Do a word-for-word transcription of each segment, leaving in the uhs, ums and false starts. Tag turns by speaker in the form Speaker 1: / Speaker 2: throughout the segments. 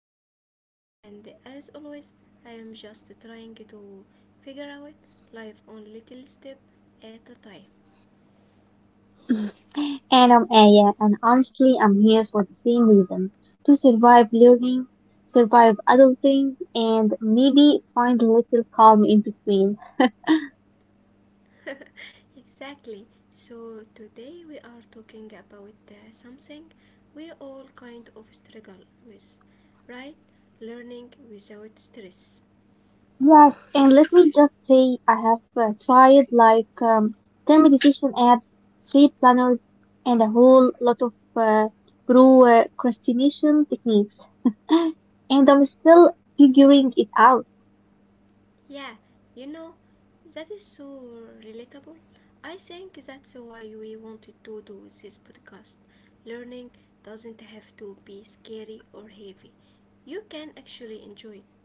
Speaker 1: am Shahd, and as always, I am just trying to figure out life on little step at a time.
Speaker 2: And I'm Aya, and honestly, I'm here for the same reason to survive learning, survive adulting, and maybe find a little calm in between.
Speaker 1: Exactly. So today we are talking about uh, something we all kind of struggle with, right? Learning without stress.
Speaker 2: Yes, and let me just say, I have uh, tried like um, ten meditation apps, sleep planners, and a whole lot of uh, pro- uh, procrastination techniques, and I'm still figuring it out.
Speaker 1: Yeah, you know, that is so relatable. I think that's why we wanted to do this podcast. Learning doesn't have to be scary or heavy, you can actually enjoy it.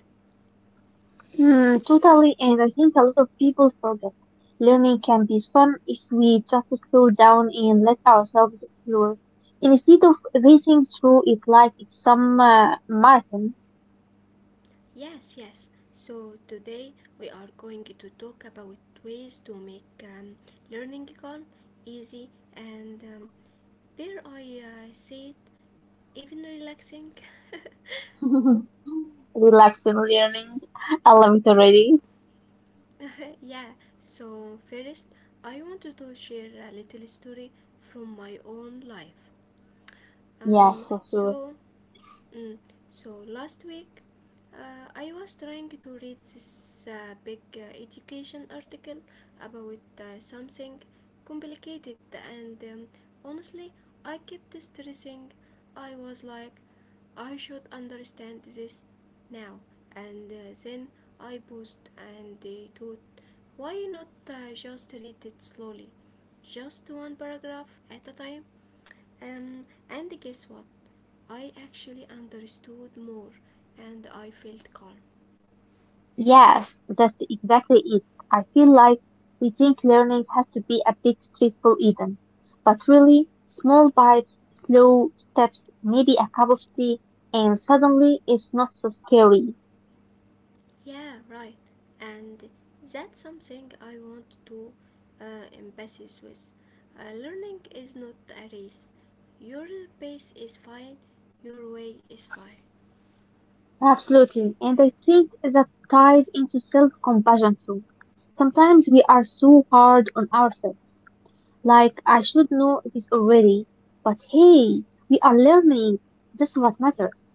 Speaker 2: Hmm. Totally, and I think a lot of people forget. Learning can be fun if we just slow down and let ourselves explore, instead of racing through it like it's some uh, marathon.
Speaker 1: Yes, yes. So today we are going to talk about ways to make um, learning calm, easy, and um, dare I uh, say it, even relaxing.
Speaker 2: Relaxing learning. I love it already.
Speaker 1: Yeah, so first I wanted to share a little story from my own life.
Speaker 2: Yes,
Speaker 1: Um,
Speaker 2: for sure.
Speaker 1: so, mm, so last week uh, I was trying to read this uh, big uh, education article about uh, something complicated, and um, honestly, I kept stressing. I was like, I should understand this now, and uh, then I paused and they thought, why not uh, just read it slowly, just one paragraph at a time? Um, and guess what? I actually understood more and I felt calm.
Speaker 2: Yes, that's exactly it. I feel like we think learning has to be a big stressful event, but really, small bites, slow steps, maybe a cup of tea, and suddenly it's not so scary.
Speaker 1: Yeah, right. And that's something I want to uh, emphasis with. Uh, learning is not a race. Your pace is fine, your way is fine.
Speaker 2: Absolutely, and I think that ties into self-compassion too. Sometimes we are so hard on ourselves, like I should know this already, but hey, we are learning. This is what matters.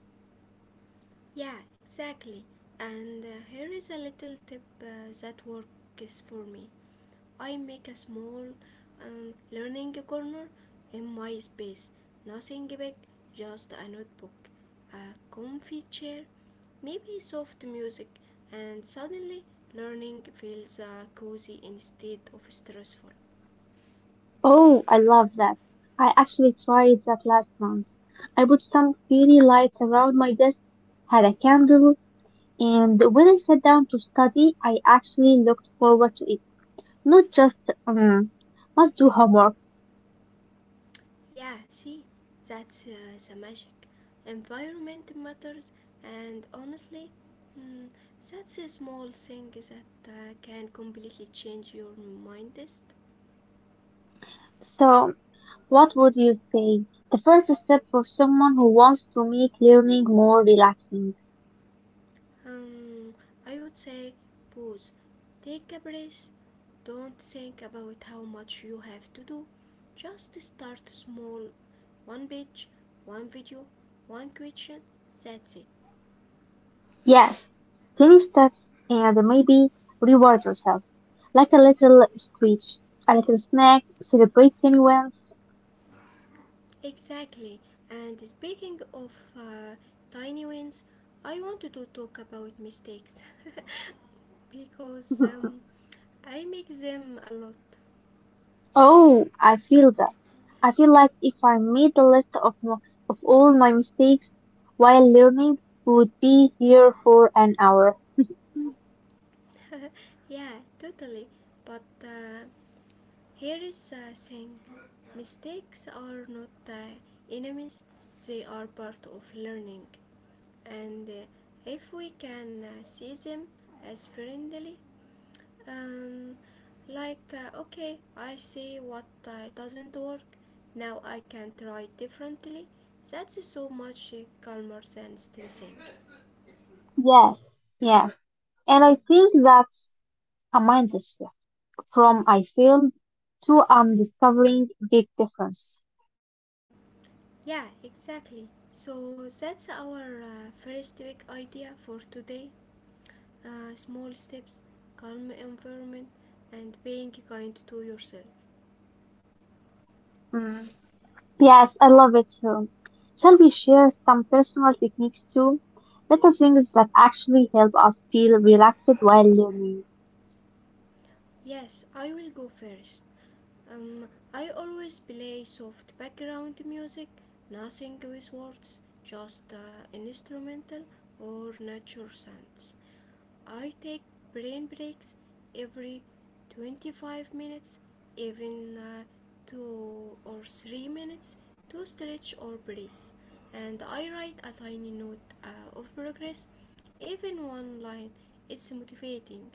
Speaker 1: Yeah, exactly. And uh, here is a little tip uh, that works for me. I make a small um, learning corner in my space. Nothing big, just a notebook, a comfy chair, maybe soft music, and suddenly learning feels uh, cozy instead of stressful.
Speaker 2: Oh, I love that. I actually tried that last month. I put some fairy lights around my desk, had a candle, and when I sat down to study, I actually looked forward to it. Not just, um, must do homework.
Speaker 1: Yeah, see, that's uh, the magic. Environment matters, and honestly, mm, that's a small thing that uh, can completely change your mindset.
Speaker 2: So, what would you say? The first step for someone who wants to make learning more relaxing.
Speaker 1: Um, I would say, pause, take a breath, don't think about how much you have to do. Just start small, one page, one video, one question. That's it.
Speaker 2: Yes, tiny steps and maybe reward yourself. Like a little speech, a little snack, celebrate any wins.
Speaker 1: Exactly. And speaking of uh, tiny wins, I wanted to talk about mistakes because um, I make them a lot.
Speaker 2: Oh, I feel that. I feel like if I made a list of mo- of all my mistakes while learning, we would be here for an hour.
Speaker 1: Yeah, totally. But uh, here is a thing mistakes are not uh, enemies, they are part of learning. And uh, if we can uh, see them as friendly. Um, like, uh, okay, I see what uh, doesn't work. Now I can try differently. That's so much uh, calmer than stressing.
Speaker 2: Yes, yes. And I think that's a mindset shift from I failed to I'm discovering big difference.
Speaker 1: Yeah, exactly. So that's our uh, first big idea for today. Uh, small steps, calm environment, and being kind to yourself.
Speaker 2: Mm. Yes, I love it too. Shall we share some personal techniques too? Little things that actually help us feel relaxed while learning.
Speaker 1: Yes, I will go first. Um, I always play soft background music, nothing with words, just uh, instrumental or nature sounds. I take brain breaks every twenty-five minutes, even uh, two or three minutes to stretch or breathe. And I write a tiny note uh, of progress, even one line. It's motivating.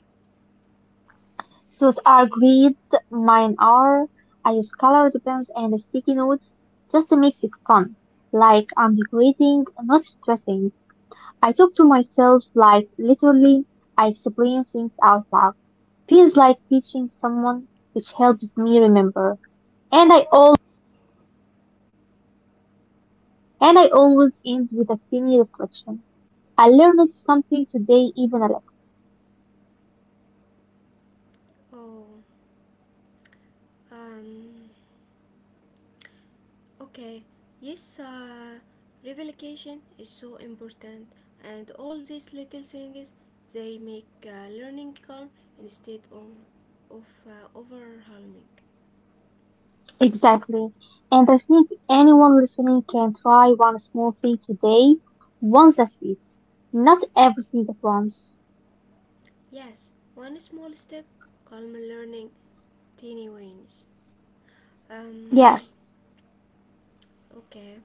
Speaker 2: Those are great. Mine are. I use colored pens and sticky notes just to make it fun. Like I'm decorating, not stressing. I talk to myself like literally I explain things out loud. Feels like teaching someone, which helps me remember. And I all and I always end with a tiny reflection. I learned something today, even a little.
Speaker 1: Oh. Um, okay, yes, uh, revelation is so important, and all these little things they make uh, learning calm instead of, of uh, overwhelming.
Speaker 2: Exactly. And I think anyone listening can try one small thing today once a week. Not everything at once.
Speaker 1: Yes, one small step, calm learning, teeny wins. Um,
Speaker 2: Yes,
Speaker 1: Okay.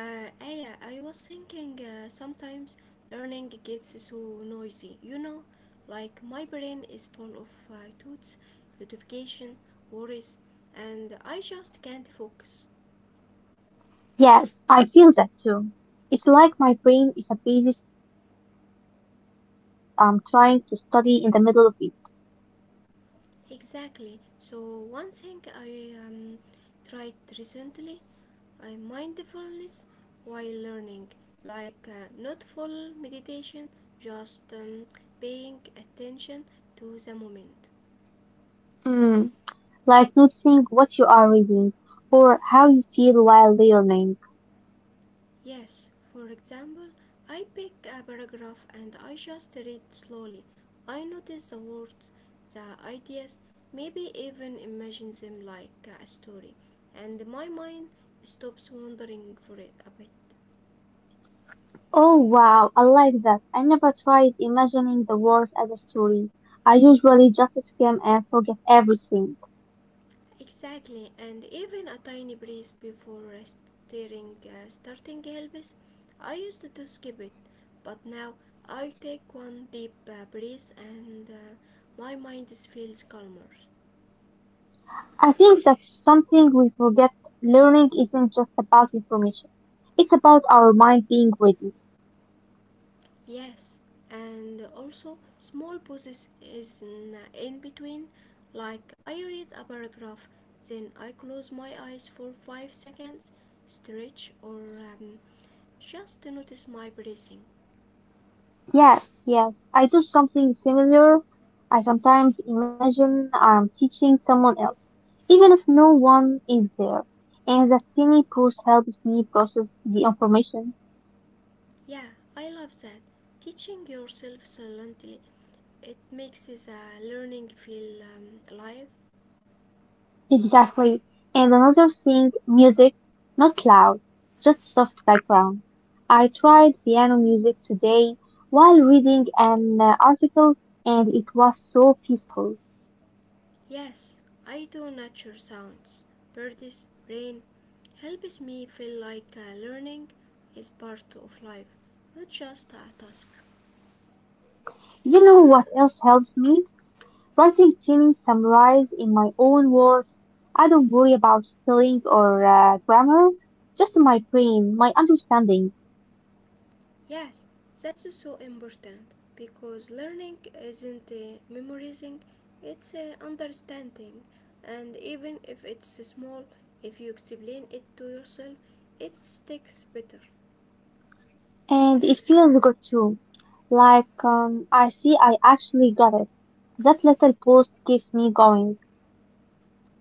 Speaker 1: Uh, Aya, I was thinking uh, sometimes learning gets so noisy. You know, like my brain is full of uh, thoughts, notification, worries, and I just can't focus.
Speaker 2: yes, I feel that too. It's like my brain is a busy street and I'm trying to study in the middle of it.
Speaker 1: Exactly. So one thing I um, tried recently, uh, mindfulness while learning, like uh, not full meditation, just um, paying attention to the moment.
Speaker 2: Mm, like noticing what you are reading or how you feel while learning.
Speaker 1: Yes, for example, I pick a paragraph and I just read slowly. I notice the words, the ideas, maybe even imagine them like a story, and my mind stops wandering for a bit.
Speaker 2: Oh wow, I like that. I never tried imagining the words as a story. I usually just skim and forget everything.
Speaker 1: Exactly, and even a tiny breeze before starting, uh, starting helps. I used to skip it, but now I take one deep uh, breath and uh, my mind feels calmer.
Speaker 2: I think that's something we forget. Learning isn't just about information. It's about our mind being ready.
Speaker 1: Yes, and also small pauses is in, in between. Like I read a paragraph, then I close my eyes for five seconds, stretch, or um, just to notice my breathing.
Speaker 2: Yes, yes, I do something similar. I sometimes imagine I'm teaching someone else, even if no one is there. And that tiny pause helps me process the information.
Speaker 1: Yeah, I love that. Teaching yourself silently, it makes the learning feel um, alive.
Speaker 2: Exactly. And another thing, music, not loud, just soft background. I tried piano music today while reading an uh, article and it was so peaceful.
Speaker 1: Yes, I do nature sounds. Birds, rain, helps me feel like uh, learning is part of life, not just a task.
Speaker 2: You know what else helps me? Writing tiny summaries in my own words. I don't worry about spelling or uh, grammar, just my brain, my understanding.
Speaker 1: Yes, that's so important because learning isn't uh, memorizing, it's uh, understanding. And even if it's small, if you explain it to yourself, it sticks better.
Speaker 2: And it feels good too. Like um, I see I actually got it. That little post keeps me going.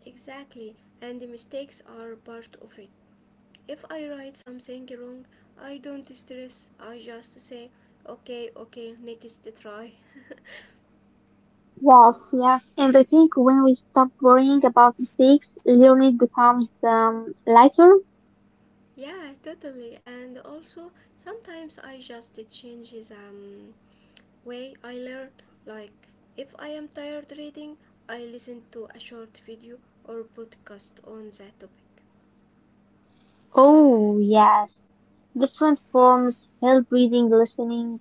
Speaker 1: Exactly, and the mistakes are part of it. If I write something wrong, I don't stress. I just say, okay, okay, next try.
Speaker 2: Wow, yes. And I think when we stop worrying about mistakes, learning becomes um, lighter.
Speaker 1: Yeah, totally. And also, sometimes I just change the um, way I learn. Like, if I am tired reading, I listen to a short video or podcast on that topic.
Speaker 2: Oh, yes. Different forms, help reading, listening,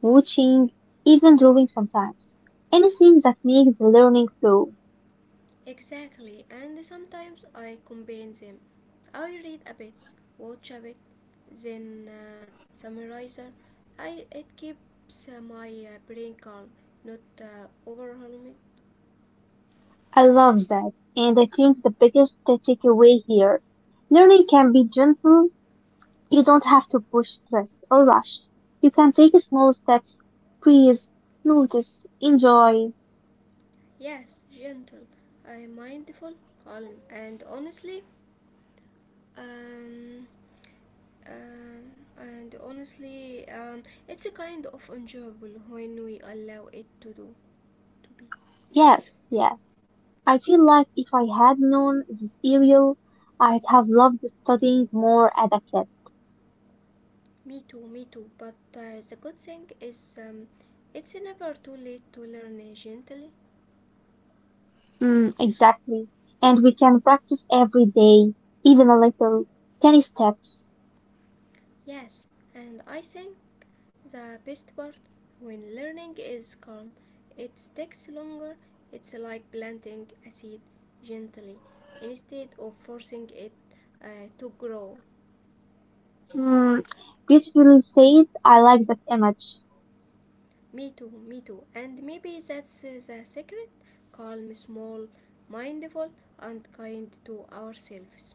Speaker 2: watching, even drawing sometimes. Anything that makes the learning flow.
Speaker 1: Exactly, and sometimes I combine them. I read a bit, watch a bit, then uh, summarize. I it keeps uh, my uh, brain calm, not uh, overwhelmed.
Speaker 2: I love that, and I think the biggest takeaway here. Learning can be gentle. You don't have to push stress or rush. You can take small steps, breathe, notice, enjoy.
Speaker 1: Yes, gentle, uh, mindful, calm, and honestly, um, um, and honestly, um, it's a kind of enjoyable when we allow it to do, to be.
Speaker 2: Yes, yes. I feel like if I had known this area, I'd have loved studying more as a kid.
Speaker 1: Me too, me too. But uh, the good thing is, um, it's never too late to learn uh, gently.
Speaker 2: Mm, exactly. And we can practice every day, even a little. Tiny steps.
Speaker 1: Yes, and I think the best part when learning is calm, it takes longer. It's like planting a seed gently instead of forcing it uh, to grow.
Speaker 2: Mm, beautifully said. I like that image.
Speaker 1: Me too, me too. And maybe that's uh, the secret calm, small, mindful, and kind to ourselves.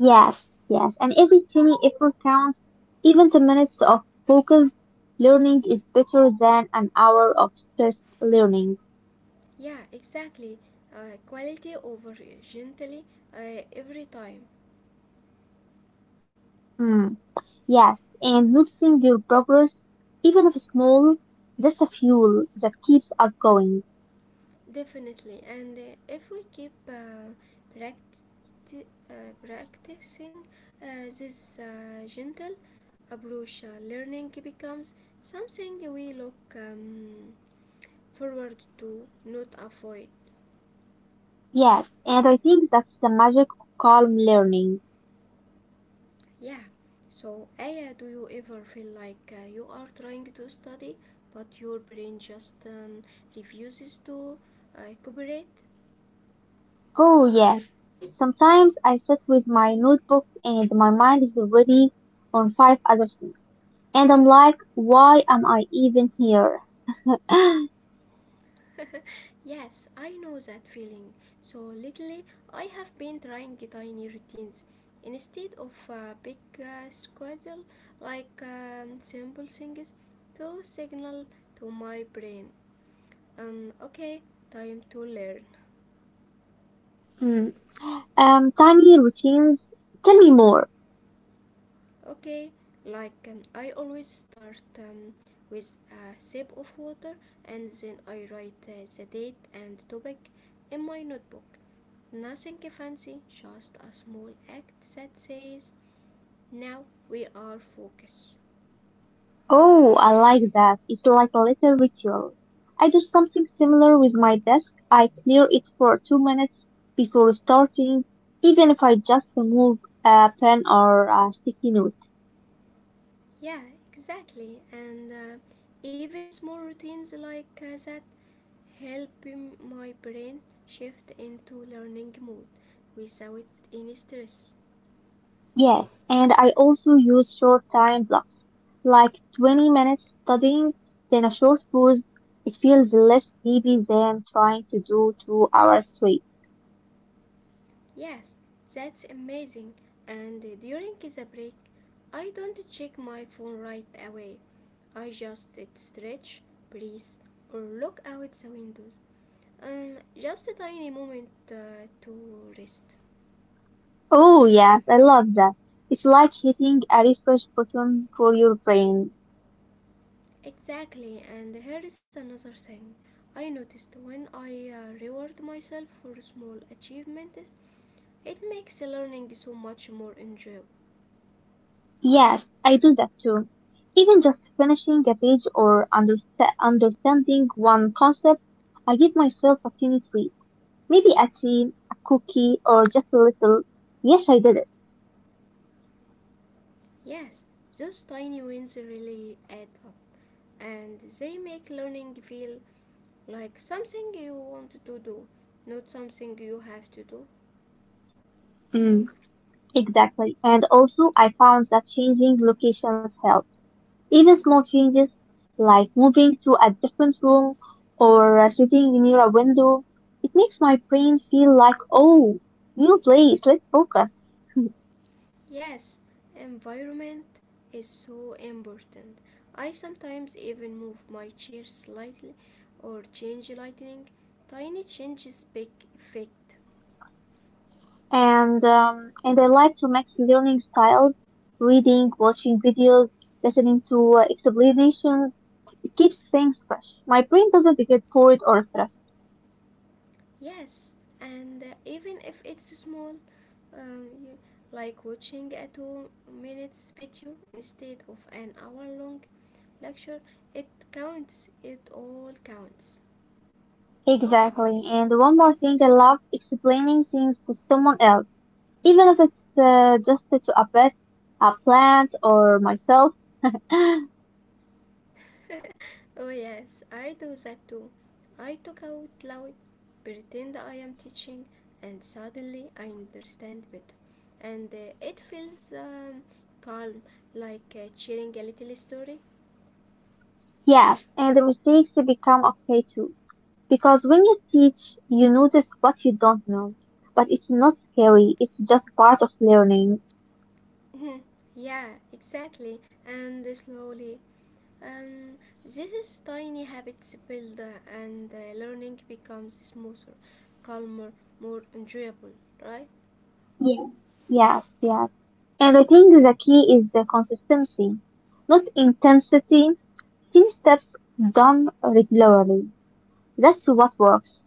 Speaker 2: Yes, yes. And every tiny effort counts. Even ten minutes of focused learning is better than an hour of stressed learning.
Speaker 1: Yeah, exactly. Uh, quality over gently uh, every time.
Speaker 2: Mm, yes. And noticing your progress, even if small, that's a fuel that keeps us going.
Speaker 1: Definitely. And uh, if we keep uh, practi- uh, practicing uh, this uh, gentle approach, uh, learning becomes something we look um, forward to, not avoid.
Speaker 2: Yes. And I think that's the magic of calm learning.
Speaker 1: Yeah. So, Aya, do you ever feel like uh, you are trying to study, but your brain just um, refuses to uh, cooperate?
Speaker 2: Oh, yes. Sometimes I sit with my notebook and my mind is already on five other things. And I'm like, why am I even here?
Speaker 1: Yes, I know that feeling. So, lately, I have been trying tiny routines. Instead of a big uh, schedule, like um, simple things to signal to my brain, um, okay, time to learn.
Speaker 2: Hmm. Um, tiny routines. Tell me more.
Speaker 1: Okay, like um, I always start um, with a sip of water and then I write uh, the date and topic in my notebook. Nothing fancy, just a small act that says, now we are focused.
Speaker 2: Oh, I like that. It's like a little ritual. I do something similar with my desk. I clear it for two minutes before starting, even if I just remove a pen or a sticky note.
Speaker 1: Yeah, exactly. And uh, even small routines like uh, that help my brain shift into learning mode without any stress.
Speaker 2: Yes, and I also use short time blocks, like twenty minutes studying, then a short pause. It feels less heavy than trying to do two hours straight.
Speaker 1: Yes, that's amazing. And uh, during the break, I don't check my phone right away. I just uh, stretch, breathe, or look out the windows. Um, just a tiny moment uh, to rest.
Speaker 2: Oh, yes, I love that. It's like hitting a refresh button for your brain.
Speaker 1: Exactly, and here is another thing. I noticed when I uh, reward myself for small achievements, it makes learning so much more enjoyable.
Speaker 2: Yes, I do that too. Even just finishing a page or understa- understanding one concept, I give myself a tiny treat. Maybe a tea, a cookie, or just a little. Yes, I did it.
Speaker 1: Yes, those tiny wins really add up, and they make learning feel like something you want to do, not something you have to do.
Speaker 2: Mm. Exactly. And also, I found that changing locations helps. Even small changes like moving to a different room or uh, sitting near a window, it makes my brain feel like, oh, new place, let's focus.
Speaker 1: Yes, environment is so important. I sometimes even move my chair slightly or change lighting. Tiny changes big effect.
Speaker 2: And um, and I like to mix learning styles, reading, watching videos, listening to uh, explanations. It keeps things fresh. My brain doesn't get bored or stressed.
Speaker 1: Yes, and uh, even if it's small, um, you- like watching a two minutes video instead of an hour long lecture, it counts, it all counts.
Speaker 2: Exactly. And one more thing, I love explaining things to someone else, even if it's uh, just to a pet, a plant, or myself.
Speaker 1: Oh, yes, I do that too. I talk out loud, pretend I am teaching, and suddenly I understand better. And uh, it feels um, calm, like uh, sharing a little story.
Speaker 2: Yes, and the mistakes become okay too. Because when you teach, you notice what you don't know. But it's not scary, it's just part of learning.
Speaker 1: Mhm. Yeah, exactly. And slowly. Um, this is tiny habits build uh, and uh, learning becomes smoother, calmer, more enjoyable, right?
Speaker 2: Yeah. Yes, yes. And I think the key is the consistency, not intensity. Ten steps done regularly. That's what works.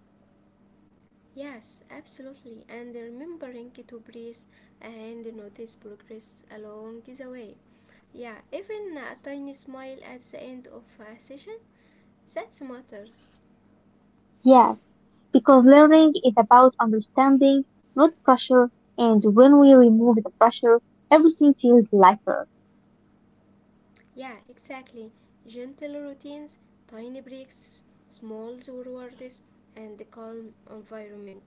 Speaker 1: Yes, absolutely. And remembering to breathe and notice progress along the way. Yeah, even a tiny smile at the end of a session, that matters.
Speaker 2: Yes, because learning is about understanding, not pressure, and when we remove the pressure, everything feels lighter.
Speaker 1: Yeah, exactly. Gentle routines, tiny breaks, small rewards, and a calm environment.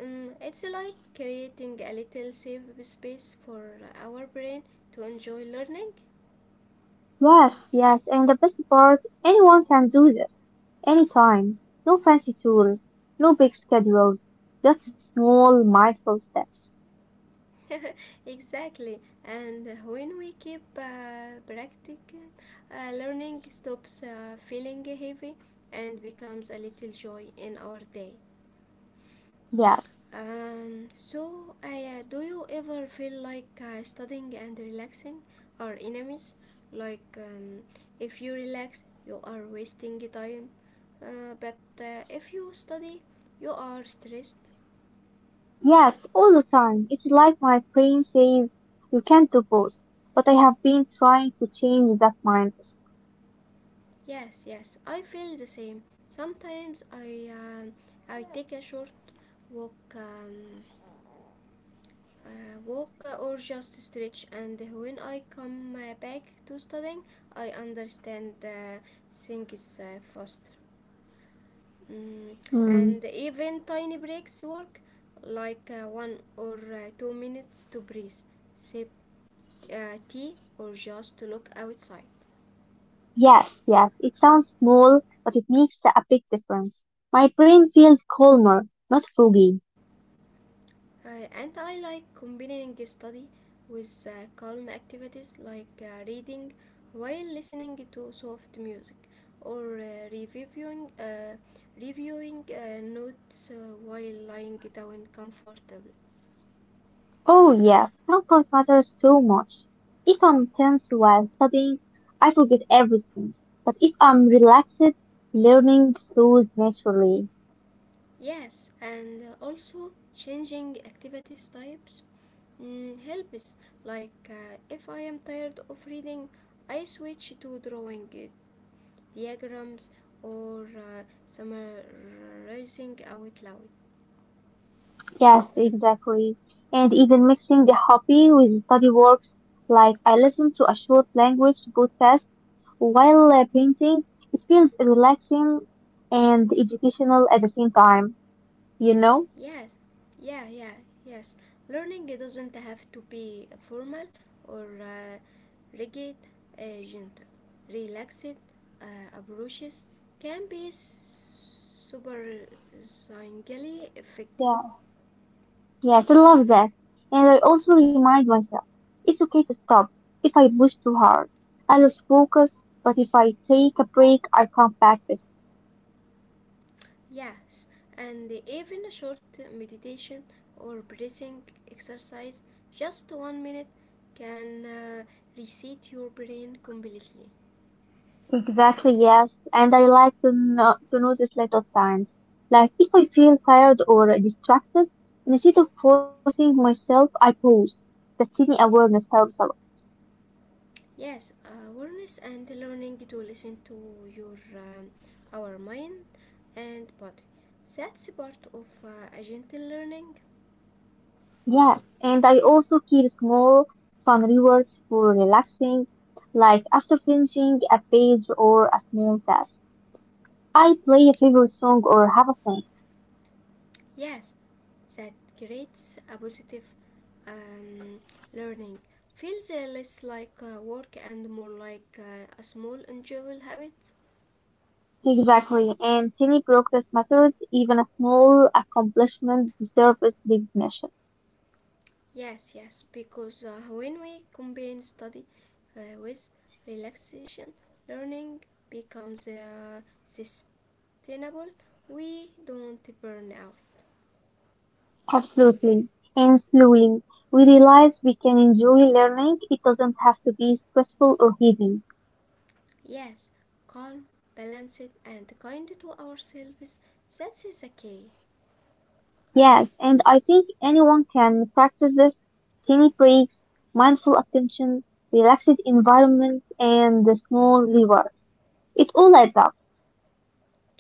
Speaker 1: Um, it's like creating a little safe space for our brain to enjoy learning.
Speaker 2: Yes, yes, and the best part, anyone can do this. Anytime. No fancy tools, no big schedules, just small, mindful steps.
Speaker 1: Exactly. And when we keep uh, practicing, uh, learning stops uh, feeling heavy and becomes a little joy in our day.
Speaker 2: Yes,
Speaker 1: Um, so, uh, do you ever feel like uh, studying and relaxing are enemies? Like, um, if you relax, you are wasting time, uh, but uh, if you study, you are stressed.
Speaker 2: yes, all the time. It's like my brain says, you can't do both, but I have been trying to change that mindset.
Speaker 1: Yes, yes, I feel the same. Sometimes I um I take a short walk. Um, uh, walk uh, or just stretch and when I come uh, back to studying I understand uh, things uh, faster. Mm,
Speaker 2: Hmm.
Speaker 1: and even tiny breaks work like uh, one or uh, two minutes to breathe sip uh, tea or just to look outside.
Speaker 2: Yes, yes, it sounds small, but it makes a big difference. My brain feels calmer, not foggy.
Speaker 1: Uh, and I like combining study with uh, calm activities like uh, reading while listening to soft music or uh, reviewing uh, reviewing uh, notes uh, while lying down comfortably.
Speaker 2: Oh, yes, comfort matters so much. If I'm tense while studying, I forget everything. But if I'm relaxed, learning flows naturally.
Speaker 1: Yes, and uh, also changing activities types mm, helps. Like uh, if I am tired of reading, I switch to drawing it. Diagrams or uh, summarizing out loud.
Speaker 2: Yes, exactly. And even mixing the hobby with study works, like I listen to a short language podcast while uh, painting, it feels relaxing and educational at the same time. You know?
Speaker 1: Yes, yeah, yeah, yes. Learning it doesn't have to be formal or uh, rigid, uh, gentle, relaxed uh, approaches can be surprisingly effective.
Speaker 2: Yeah. Yes, I love that. And I also remind myself it's okay to stop if I push too hard. I lose focus, but if I take a break, I come back better.
Speaker 1: Yes, and even a short meditation or breathing exercise, just one minute, can uh, reset your brain completely.
Speaker 2: Exactly, yes. And I like to, no- to notice little signs. Like if I feel tired or distracted, instead of forcing myself, I pause. That tiny awareness helps a lot.
Speaker 1: Yes, awareness and learning to listen to your um, our mind and body. That's part of uh, a gentle learning.
Speaker 2: Yes, and I also keep small, fun rewards for relaxing, like after finishing a page or a small task. I play a favorite song or have a thing.
Speaker 1: Yes, that creates a positive um, learning. Feels uh, less like uh, work and more like uh, a small, enjoyable habit.
Speaker 2: Exactly, and tiny progress matters, even a small accomplishment deserves recognition.
Speaker 1: Yes, yes, because uh, when we combine study uh, with relaxation, learning becomes uh, sustainable. We don't burn out.
Speaker 2: Absolutely. And slowly, we realize we can enjoy learning. It doesn't have to be stressful or heavy.
Speaker 1: Yes, calm, balanced, and kind to ourselves. That's the key.
Speaker 2: Yes, and I think anyone can practice this tiny breaks, mindful attention, relaxed environment, and the small rewards. It all adds up.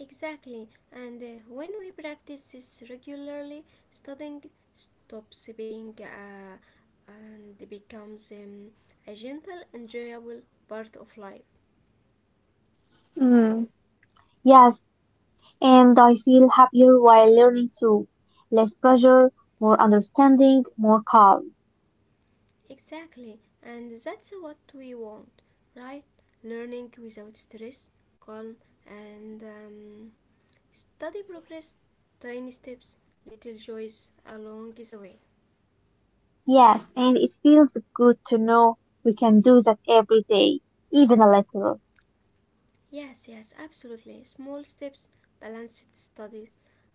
Speaker 1: Exactly, and uh, when we practice this regularly, studying stops being uh, and becomes um, a gentle, enjoyable part of life.
Speaker 2: Mm. Yes, and I feel happier while learning too. Less pressure, more understanding, more calm.
Speaker 1: Exactly, and that's what we want, right? Learning without stress, calm, and um, study progress, tiny steps, little joys along the way.
Speaker 2: Yes, and it feels good to know we can do that every day, even a little.
Speaker 1: Yes, yes, absolutely. Small steps, balanced study,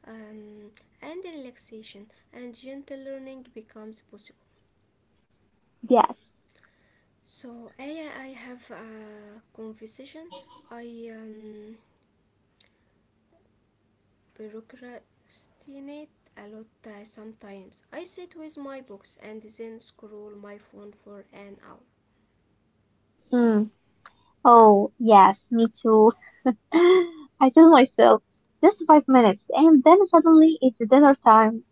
Speaker 1: um, and relaxation and gentle learning becomes possible.
Speaker 2: Yes.
Speaker 1: So, Aya, I have a conversation. I um, procrastinate a lot uh, sometimes. I sit with my books and then scroll my phone for an hour.
Speaker 2: Mm. Oh, yes, me too. I tell myself just five minutes, and then suddenly it's dinner time.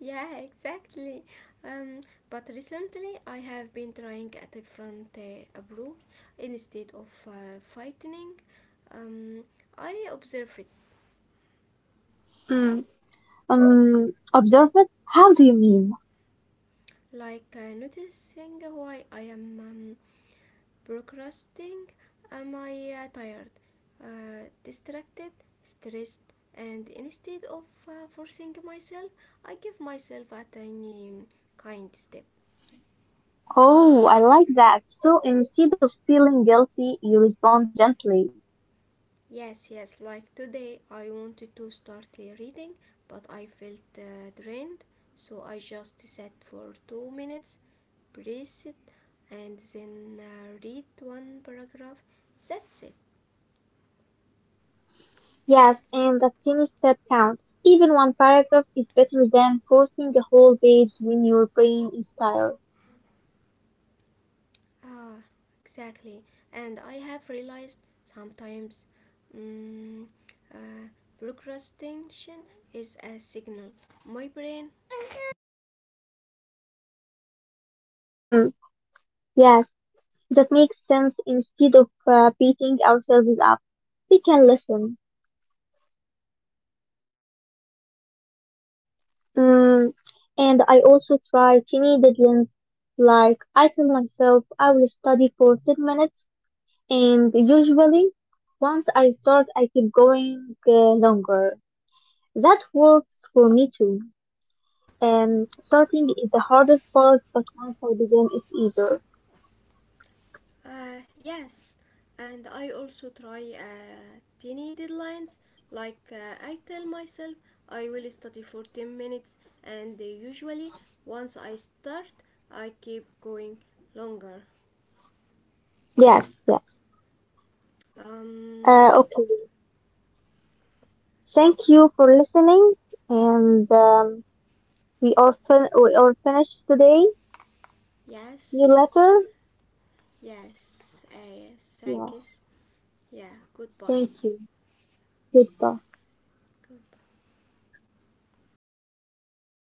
Speaker 1: Yeah, exactly. Um, but recently I have been trying a different uh, approach instead of uh, fighting. Um, I observe it,
Speaker 2: Mm, um, observe it. How do you mean?
Speaker 1: like uh, noticing why I am um, procrastinating. Am I uh, tired, uh, distracted, stressed? And instead of uh, forcing myself, I give myself a tiny um, kind step.
Speaker 2: Oh, I like that. So instead of feeling guilty, you respond gently.
Speaker 1: Yes, yes, like today I wanted to start uh, reading, but I felt uh, drained, so I just sat for two minutes, breathed, and then uh, read one paragraph. That's it.
Speaker 2: Yes, and that tiny step counts. Even one paragraph is better than forcing a whole page when your brain is tired.
Speaker 1: Ah, exactly. And I have realized sometimes mm, uh, procrastination is a signal. My brain.
Speaker 2: Hmm. Yes, that makes sense. Instead of uh, beating ourselves up, we can listen. Mm, and I also try tiny deadlines. Like I tell myself I will study for ten minutes, and usually once I start, I keep going uh, longer. That works for me too. Um, starting is the hardest part, but once I begin, it's easier.
Speaker 1: Uh, yes, and I also try uh, tiny deadlines. Like uh, I tell myself, I will study for ten minutes, and usually once I start, I keep going longer.
Speaker 2: Yes, yes. Uh,
Speaker 1: Um,
Speaker 2: okay. Thank you for listening, and um, we are fin- we are finished today. See you
Speaker 1: yes,
Speaker 2: later.
Speaker 1: yes, uh,
Speaker 2: Yeah.
Speaker 1: thank you. Yeah, goodbye.
Speaker 2: Thank you. Goodbye.
Speaker 1: Goodbye.